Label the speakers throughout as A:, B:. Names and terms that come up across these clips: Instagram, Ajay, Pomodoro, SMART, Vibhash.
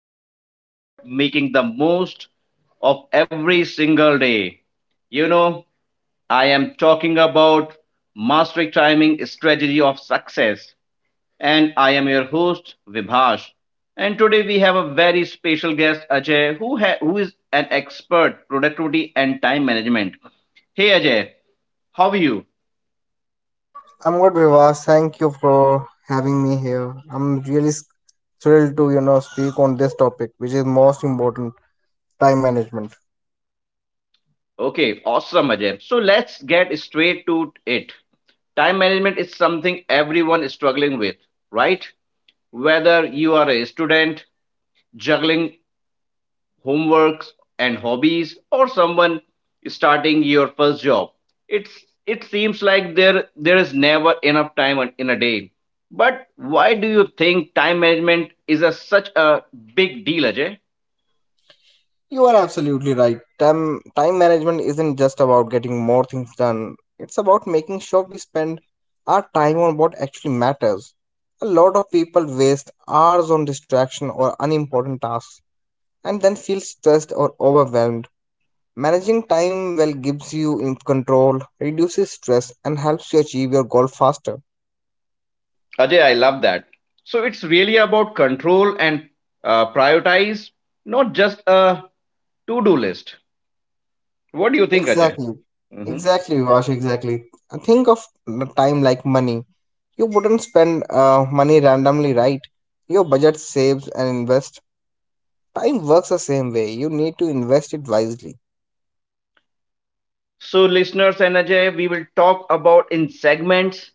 A: where we talk about making the most of every single day. You know, I am talking about Mastering Timing Strategy of Success, and I am your host Vibhash. And today we have a very special guest Ajay who is an expert productivity and time management. Hey Ajay, how are you?
B: I'm good, Vivas. Thank you for having me here. Thrilled to, speak on this topic, which is most important, time management.
A: Okay, awesome, Ajay. So let's get straight to it. Time management is something everyone is struggling with, right? Whether you are a student juggling homeworks and hobbies or someone starting your first job, it seems like there is never enough time in a day. But why do you think time management is such a big deal, Ajay?
B: You are absolutely right. Time management isn't just about getting more things done. It's about making sure we spend our time on what actually matters. A lot of people waste hours on distraction or unimportant tasks and then feel stressed or overwhelmed. Managing time well gives you in control, reduces stress, and helps you achieve your goal faster.
A: Ajay, I love that. So it's really about control and prioritize, not just a to do list. What do you think, Ajay?
B: Exactly.
A: Mhm.
B: Exactly, Vash, exactly. Think of the time like money. You wouldn't spend money randomly, right? Your budget saves and invest. Time works the same way. You need to invest it wisely.
A: So, listeners and Ajay, we will talk about in segments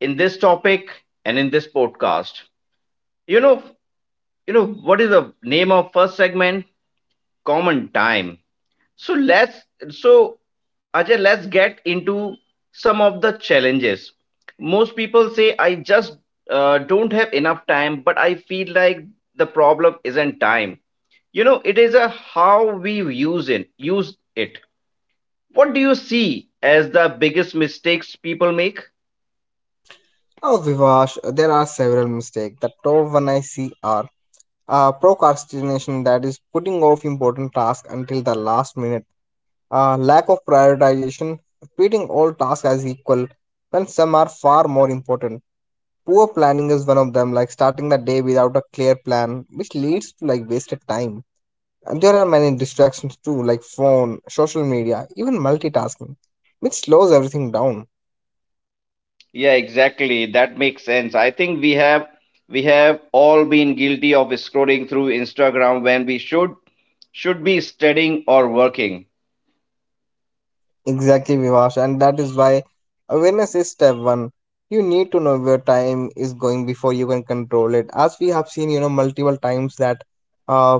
A: in this topic and in this podcast. You know, you know what is the name of first segment? Common time. So let's so, Ajay, let's get into some of the challenges. Most people say I just don't have enough time, but I feel like the problem isn't time. You know, it is a how we use it. What do you see as the biggest mistakes people make?
B: Oh, Vivash, there are several mistakes. The top one I see are procrastination, that is putting off important tasks until the last minute. Lack of prioritization, treating all tasks as equal when some are far more important. Poor planning is one of them, like starting the day without a clear plan, which leads to like wasted time. And there are many distractions too, like phone, social media, even multitasking, which slows everything down.
A: Yeah, exactly. That makes sense. I think we have all been guilty of scrolling through Instagram when we should be studying or working.
B: Exactly, Vivash, and that is why awareness is step one. You need to know where time is going before you can control it. As we have seen, you know, multiple times that uh,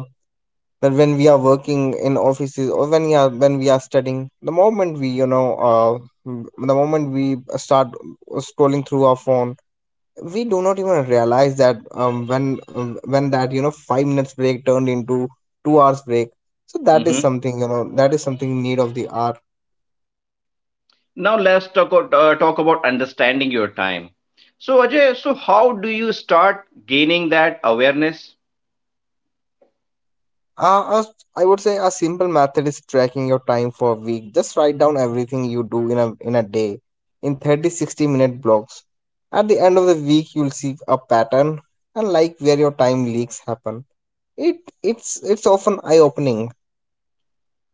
B: when we are working in offices or when we are studying, the moment we, the moment we start scrolling through our phone, we do not even realize that when, that you know 5 minutes break turned into 2 hours break. So that is something, that is something in need of the hour.
A: Now let's talk about understanding your time. So Ajay, so how do you start gaining that awareness?
B: Uh, as- I would say a simple method is tracking your time for a week. Just write down everything you do in a day in 30-60 minute blocks. At the end of the week you'll see a pattern and like where your time leaks happen. It it's often eye opening.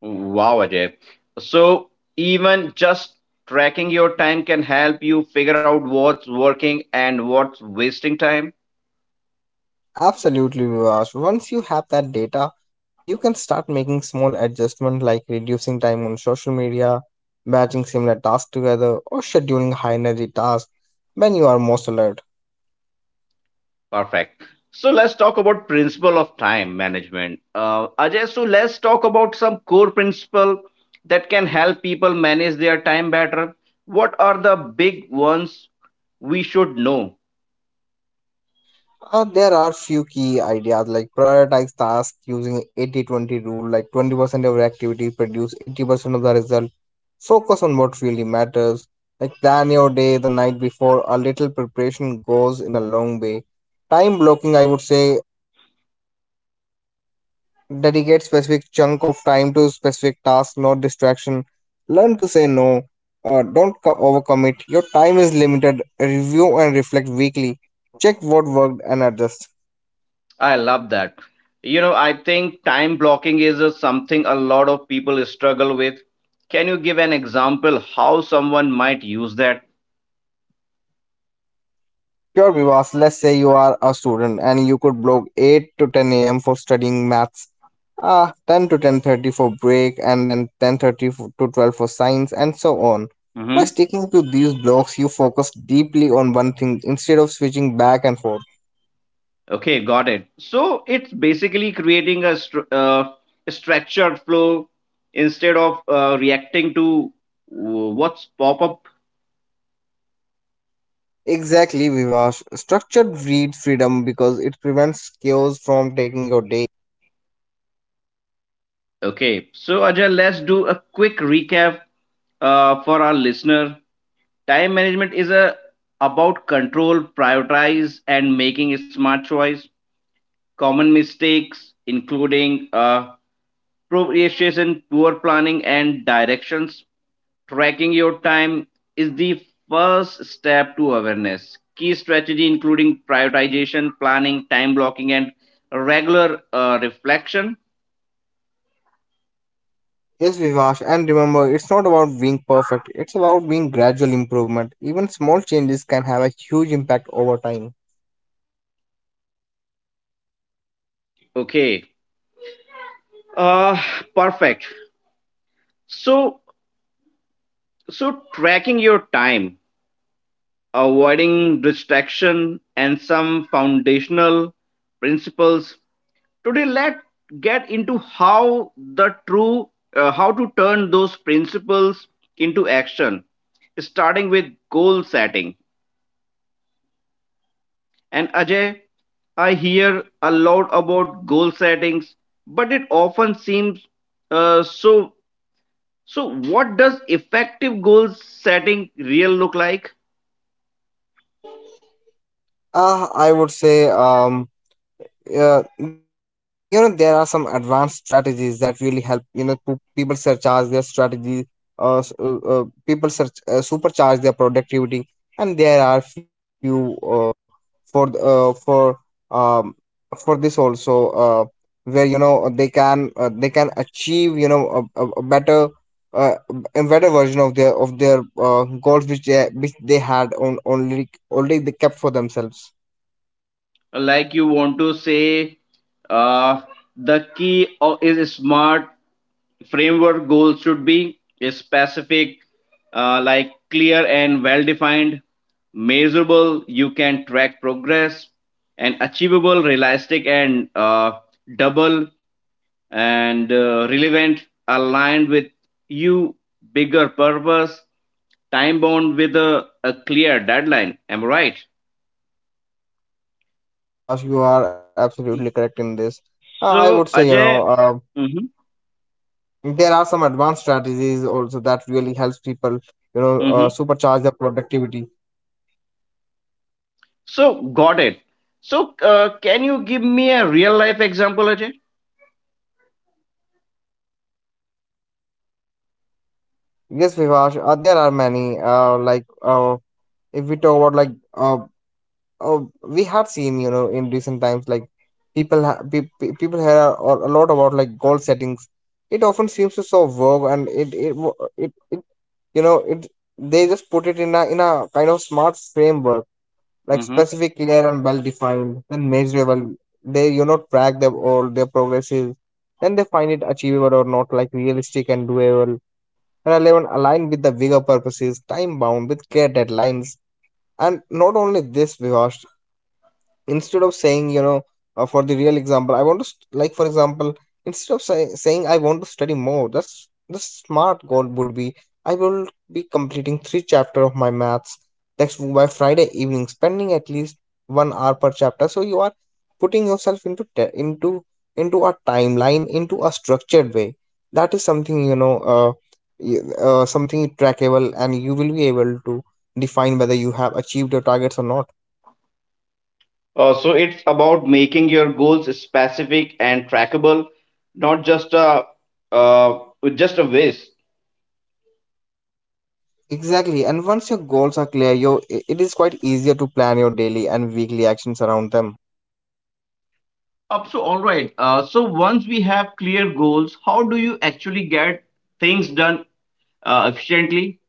A: Wow, Ajay. So even just tracking your time can help you figure out what's working and what's wasting time.
B: Absolutely, Vivash. Once you have that data, you can start making small adjustments like reducing time on social media, batching similar tasks together, or scheduling high energy tasks when you are most alert.
A: Perfect. So let's talk about principle of time management. Ajay, so let's talk about some core principle that can help people manage their time better. What are the big ones we should know?
B: There are few key ideas like prioritize tasks using 80-20 rule, like 20% of your activity produce 80% of the result. Focus on what really matters. Like plan your day the night before. A little preparation goes in a long way. Time blocking, I would say, dedicate specific chunk of time to specific tasks, not distraction. Learn to say no. Don't co- overcommit. Your time is limited. Review and reflect weekly. Check what worked and adjust.
A: I love that. I think time blocking is something a lot of people struggle with. Can you give an example how someone might use that?
B: Sure, Vivas, let's say you are a student and you could block 8 to 10 a.m. for studying maths, 10 to 10:30 for break, and then 10:30 to 12 for science, and so on. By
A: Hmm.
B: sticking to these blocks, you focus deeply on one thing instead of switching back and forth.
A: Okay, got it. So it's basically creating a structured flow instead of reacting to what's pop up.
B: Exactly, Vivash. Structured breeds freedom because it prevents chaos from taking your day.
A: Okay, so Ajay, let's do a quick recap for our listener. Time management is a about control, prioritize, and making a smart choice. Common mistakes including procrastination, poor planning, and directions. Tracking your time is the first step to awareness. Key strategy including prioritization, planning, time blocking, and regular reflection.
B: Yes, Vivash, and remember, it's not about being perfect, it's about being gradual improvement. Even small changes can have a huge impact over time.
A: Okay, uh, perfect. So, so, tracking your time, avoiding distraction, and some foundational principles today let's get into how the true how to turn those principles into action starting with goal setting. And Ajay, I hear a lot about goal settings but it often seems uh, so so what does effective goal setting real look like?
B: I would say, th- there are some advanced strategies that really help. People surcharge their strategy. Supercharge their productivity, and there are few for th- um for this also, uh, where they can, they can achieve, a better, uh, a better version of their goals which they had on only already they kept for themselves.
A: Like you want to say, uh, the key is smart framework. Goals should be specific, like clear and well defined, measurable, you can track progress, and achievable, realistic, and double and relevant, aligned with you bigger purpose, time bound with a clear deadline. Am I right?
B: Yes, Vivash, you are absolutely correct in this. I would
A: So
B: say, you
A: Ajay,
B: know,
A: hmm.
B: there are some advanced strategies also that really helps people,
A: hmm
B: supercharge their productivity.
A: so got it. So can you give me a real life example, Ajay?
B: Yes, Vivash, there are many. If we talk about we have seen, you know, in recent times, like people ha pe pe- people hear a lot about like goal settings. It often seems to so vague, and it wo- it you know it they just put it in a kind of smart framework like
A: Mhm.
B: specific, clear, and well defined, then measurable. They track them all their progresses, then they find it achievable or not, like realistic and doable, and eleven aligned with the bigger purposes, time bound with clear deadlines. And not only this, Vivash, instead of saying you know for the real example I want to st- like for example instead of saying I want to study more, that's the smart goal would be I will be completing three chapter of my maths textbook by Friday evening spending at least 1 hour per chapter. So you are putting yourself into a timeline, into a structured way. That is something, you- something trackable, and you will be able to define whether you have achieved your targets or not.
A: So it's about making your goals specific and trackable, not just a uh, just a wish.
B: Exactly. And once your goals are clear, you it is quite easier to plan your daily and weekly actions around them.
A: Up so all right. So once we have clear goals, how do you actually get things done efficiently?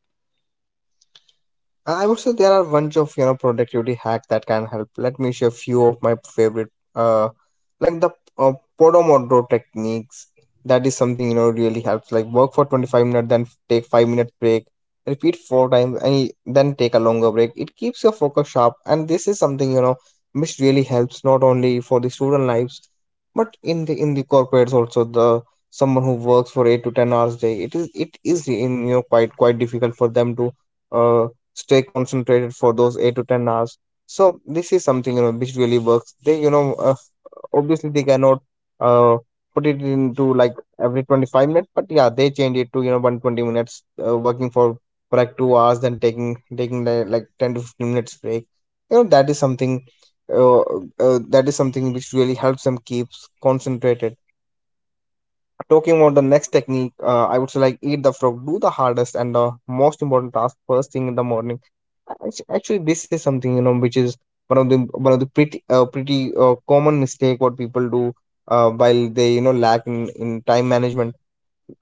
B: I would say there are bunch of productivity hack that can help. Let me share few of my favorite, uh, like the uh, Pomodoro techniques. That is something, really helps. Like work for 25 minutes, then take 5 minute break, repeat four times, then take a longer break. It keeps your focus sharp, and this is something, which really helps not only for the student lives but in the corporates also. The someone who works for 8 to 10 hours a day, it is in quite difficult for them to. uh, stay concentrated for those 8 to 10 hours. So this is something, which really works. They obviously they cannot, uh, put it into like every 25 minutes, but yeah, they change it to 120 minutes working for like 2 hours, then like 10 to 15 minutes break. You know, that is something, that is something which really helps them keeps concentrated. Talking about the next technique, I would say like eat the frog, do the hardest and the most important task first thing in the morning. Actually, this is something, which is one of the pretty pretty common mistake what people do while they lack in time management.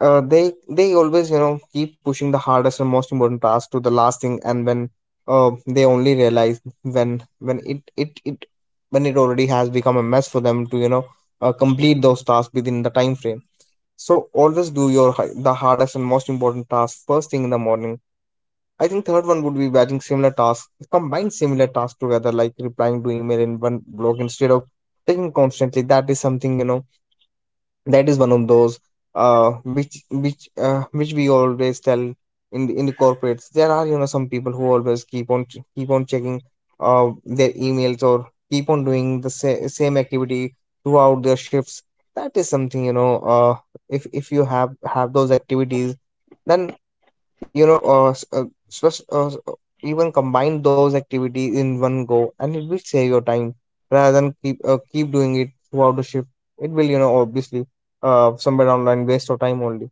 B: They always, keep pushing the hardest and most important task to the last thing, and when, they only realize when it when it already has become a mess for them to, complete those tasks within the time frame. So always do the hardest and most important task first thing in the morning. I think third one would be batching similar tasks, combine similar tasks together, like replying to email in one block instead of taking constantly. That is something, that is one of those, uh which we always tell in the corporates. There are, some people who always keep on checking their emails or keep on doing same activity throughout their shifts. That is something, if you have those activities, then, you know s- spec- s- even combine those activities in one go and it will save your time rather than keep doing it throughout the shift. It will, obviously, somewhere down the line waste your time only.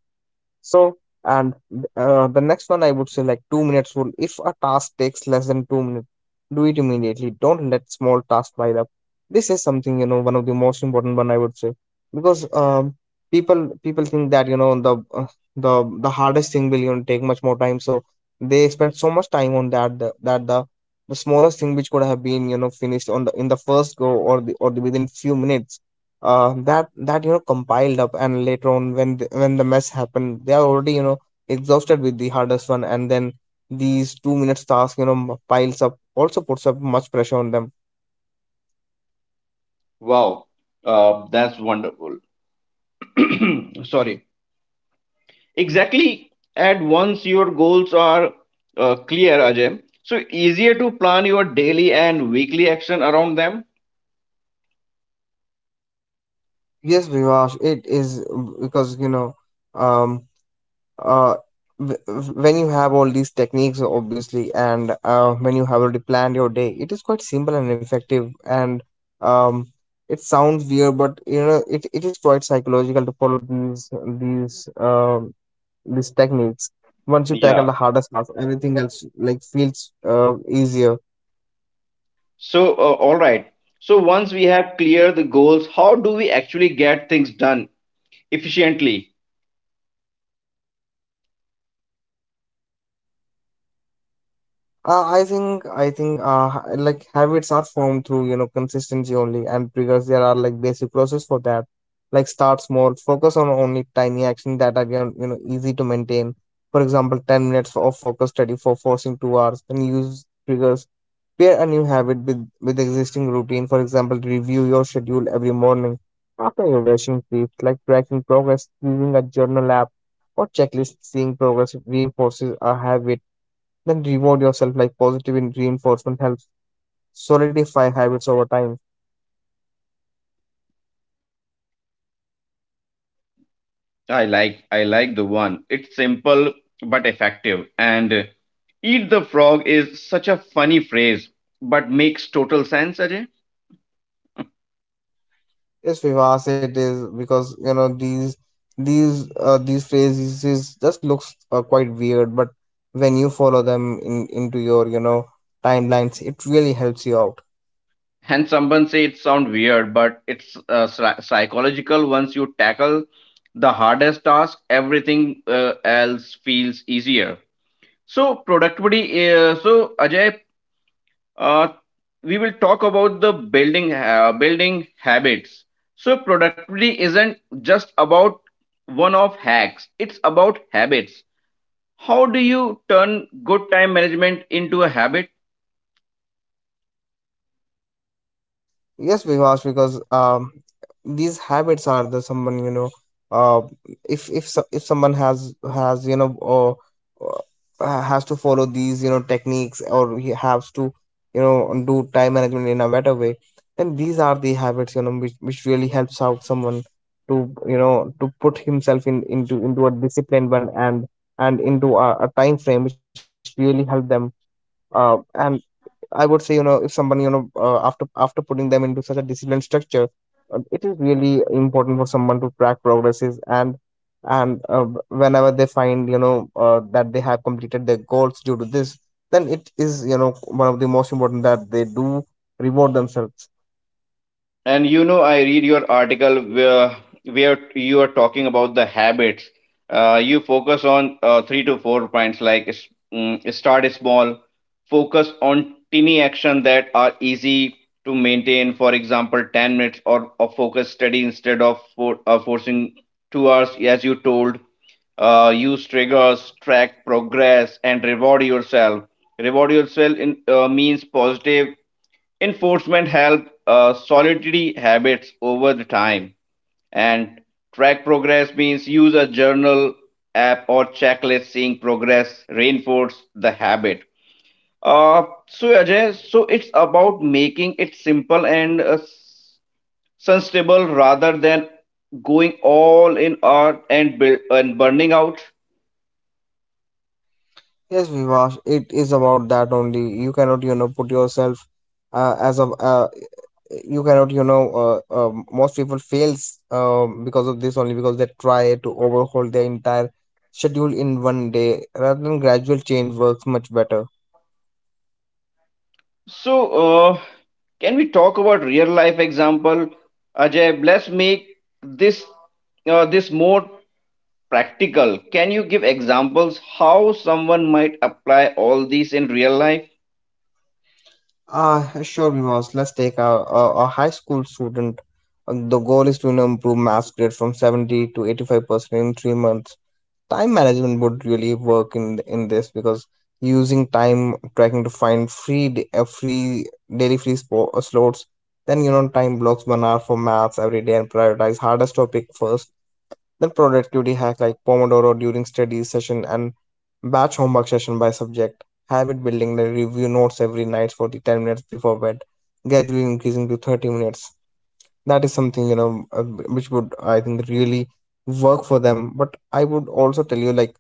B: So, and the next one I would say like 2 minutes rule. If a task takes less than 2 minutes, do it immediately. Don't let small tasks pile up. This is something, one of the most important one I would say because, people think that the hardest thing will, take much more time. So they spend so much time on that that the smallest thing which could have been finished on the in the first go or the within few minutes that that you know compiled up, and later on when the mess happened, they are already exhausted with the hardest one, and then these 2 minute task piles up, also puts up much pressure on them.
A: Wow, that's wonderful. Sorry. Exactly. At once your goals are clear, Ajay. So easier to plan your daily and weekly action around them.
B: Yes, Vivash, it is because um uh when you have all these techniques obviously, and when you have already planned your day, it is quite simple and effective. And um it sounds weird, but you know, it is quite psychological to follow these these um these techniques. Once you tackle
A: Yeah,
B: the hardest stuff, everything else like feels easier.
A: so, all right. So, once we have clear the goals, how do we actually get things done efficiently?
B: I think like habits are formed through you know consistency only and triggers. There are like basic process for that. Like start small, focus on only tiny action that are you know easy to maintain. For example, 10 minutes of focus study for forcing 2 hours. Then use triggers. Pair a new habit with existing routine. For example, review your schedule every morning after your brushing teeth, like tracking progress using a journal app or checklist. Seeing progress reinforces a habit. Then reward yourself, like positive reinforcement helps solidify habits over time.
A: I like the one. It's simple but effective. And eat the frog is such a funny phrase, but makes total sense, Ajay.
B: Yes, Vivas, it is because you know these these phrases is- just looks quite weird, but when you follow them in into your you know timelines, it really helps you out.
A: And someone say it sound weird, but it's psychological. Once you tackle the hardest task, everything else feels easier. So productivity. So Ajay, uh, we will talk about the building habits. So productivity isn't just about one off hacks, it's about habits. How do you turn good time management into a habit?
B: Yes, Vivash, because these habits are the someone you know. Uh, if if someone has you know or has to follow these you know techniques, or he has to you know do time management in a better way, then these are the habits, you know, which really helps out someone to you know to put himself in into a disciplined one, and into a time frame which really help them. And I would say, you know, if somebody, you know, after putting them into such a disciplined structure, it is really important for someone to track progresses, and whenever they find, you know, that they have completed their goals due to this, then it is, you know, one of the most important that they do reward themselves.
A: And you know, I read your article where you are talking about the habits. You focus on 3 to 4 points, like start small, focus on tiny action that are easy to maintain. For example, 10 minutes or a focus study instead of forcing 2 hours, as you told. Use triggers, track progress, and reward yourself. Reward yourself in, means positive enforcement helps solitary habits over the time. And track progress means use a journal app or checklist seeing progress reinforce the habit. So Ajay, so it's about making it simple and sensible rather than going all in art and build, and burning out.
B: Yes, Vivash, it is about that only. You cannot, you know, put yourself as a you cannot you know most people fails because of this only, because they try to overhaul their entire schedule in one day rather than gradual change works much better.
A: So uh, can we talk about real life example? Ajay, let's make this this more practical. Can you give examples how someone might apply all these in real life?
B: Sure, Vivas, let's take a high school student. The goal is to you know improve math grade from 70 to 85% in 3 months. Time management would really work in this because using time tracking to find free daily free slots. Then you know time blocks 1 hour for maths every day and prioritize hardest topic first. Then productivity hack like pomodoro during study session, and batch homework session by subject. Habit building, the review notes every night for the 10 minutes before bed, gradually increasing to 30 minutes. That is something you know which would I think really work for them. But I would also tell you, like,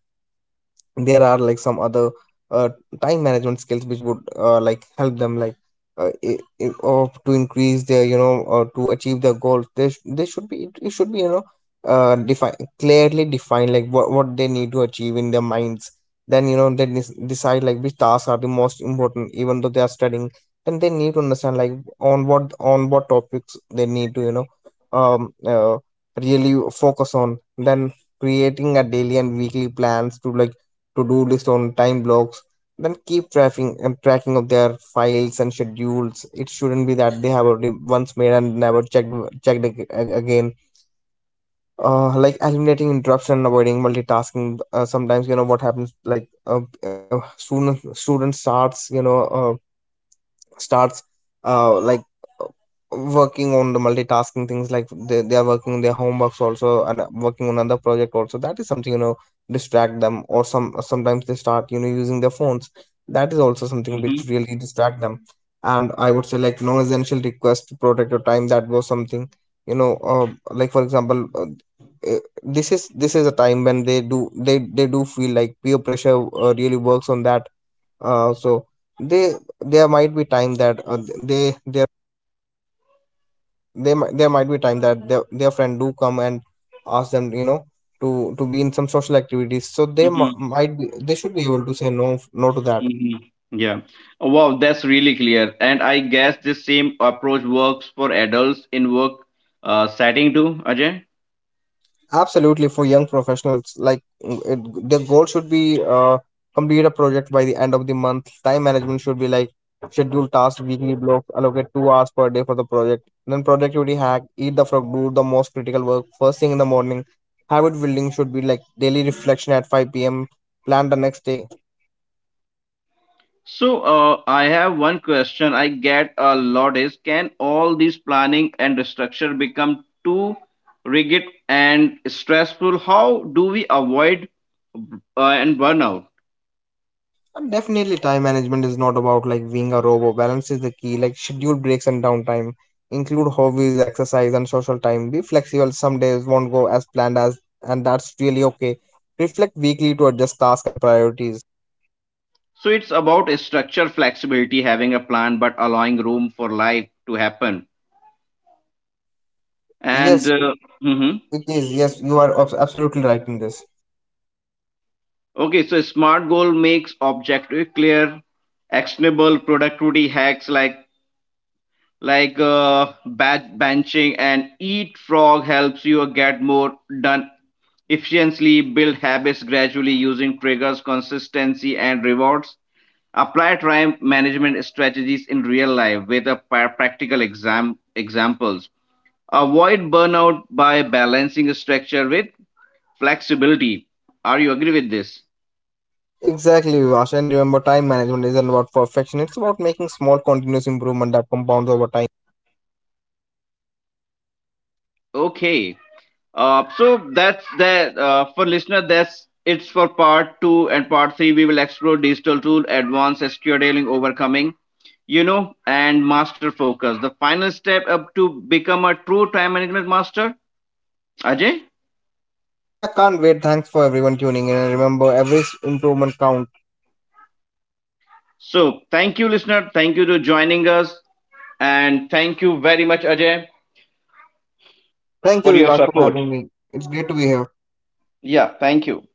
B: there are like some other uh, time management skills which would like help them, like or to increase their you know or to achieve their goals, they, they should be, it should be you know define, clearly defined like what they need to achieve in their minds. Then you know they decide like which tasks are the most important, even though they are studying. Then they need to understand like on what topics they need to you know um uh, really focus on. Then creating a daily and weekly plans, to like to-do list on time blocks, then keep tracking and tracking of their files and schedules. It shouldn't be that they have already once made and never checked, checked again. Like eliminating interruption and avoiding multitasking. Sometimes you know what happens. Like student starts you know starts like uh, working on the multitasking things. Like they are working on their homeworks also, and working on another project also. That is something you know distract them. Or some sometimes they start you know using their phones. That is also something
A: Mm-hmm,
B: which really distract them. And I would say like non-essential request to protect your time, that was something you know like for example this is a time when they do, they do feel like peer pressure really works on that. So they there might be time that they they there might be time that their friend do come and ask them you know to be in some social activities, so
A: mm-hmm,
B: might be they should be able to say no to that.
A: mm-hmm. Yeah. Wow, that's really clear. And I guess this same approach works for adults in work setting too, Ajay.
B: Absolutely, for young professionals, like the goal should be complete a project by the end of the month. Time management should be like schedule tasks weekly block, allocate 2 hours per day for the project. Then productivity hack, eat the frog, do the most critical work first thing in the morning. Habit building should be like daily reflection at 5 p.m. Plan the next day.
A: So I have one question I get a lot is can all this planning and structure become too rigid and stressful? How do we avoid and burnout?
B: And definitely, time management is not about like being a robot. Balance is the key. Like schedule breaks and downtime. Include hobbies, exercise, and social time. Be flexible. Some days won't go as planned as, and that's really okay. Reflect weekly to adjust tasks and priorities.
A: So it's about a structure flexibility, having a plan, but allowing room for life to happen. And
B: Yes,
A: mhm.
B: it is. Yes, you are absolutely right in this.
A: Okay, so smart goal makes objective clear, actionable productivity hacks like batch benching and eat frog helps you get more done efficiently, build habits gradually using triggers, consistency, and rewards. Apply time management strategies in real life with a practical examples. Avoid burnout by balancing structure with flexibility. Are you agree with this?
B: Exactly, Vivash. And remember, time management isn't about perfection. It's about making small, continuous improvement that compounds over time.
A: Okay. So that's the for listener. That's it's for part two and part three. We will explore digital tool, advanced SQLing, overcoming, you know, and master focus. The final step up to become a true time management master. Ajay.
B: Yeah, can't wait. Thanks for everyone tuning in. And remember, every improvement counts.
A: So thank you, listener. Thank you to joining us, and thank you very much, Ajay,
B: Thank you,
A: for your
B: Vivas, for
A: support.
B: having me. It's great to be here.
A: Yeah. Thank you.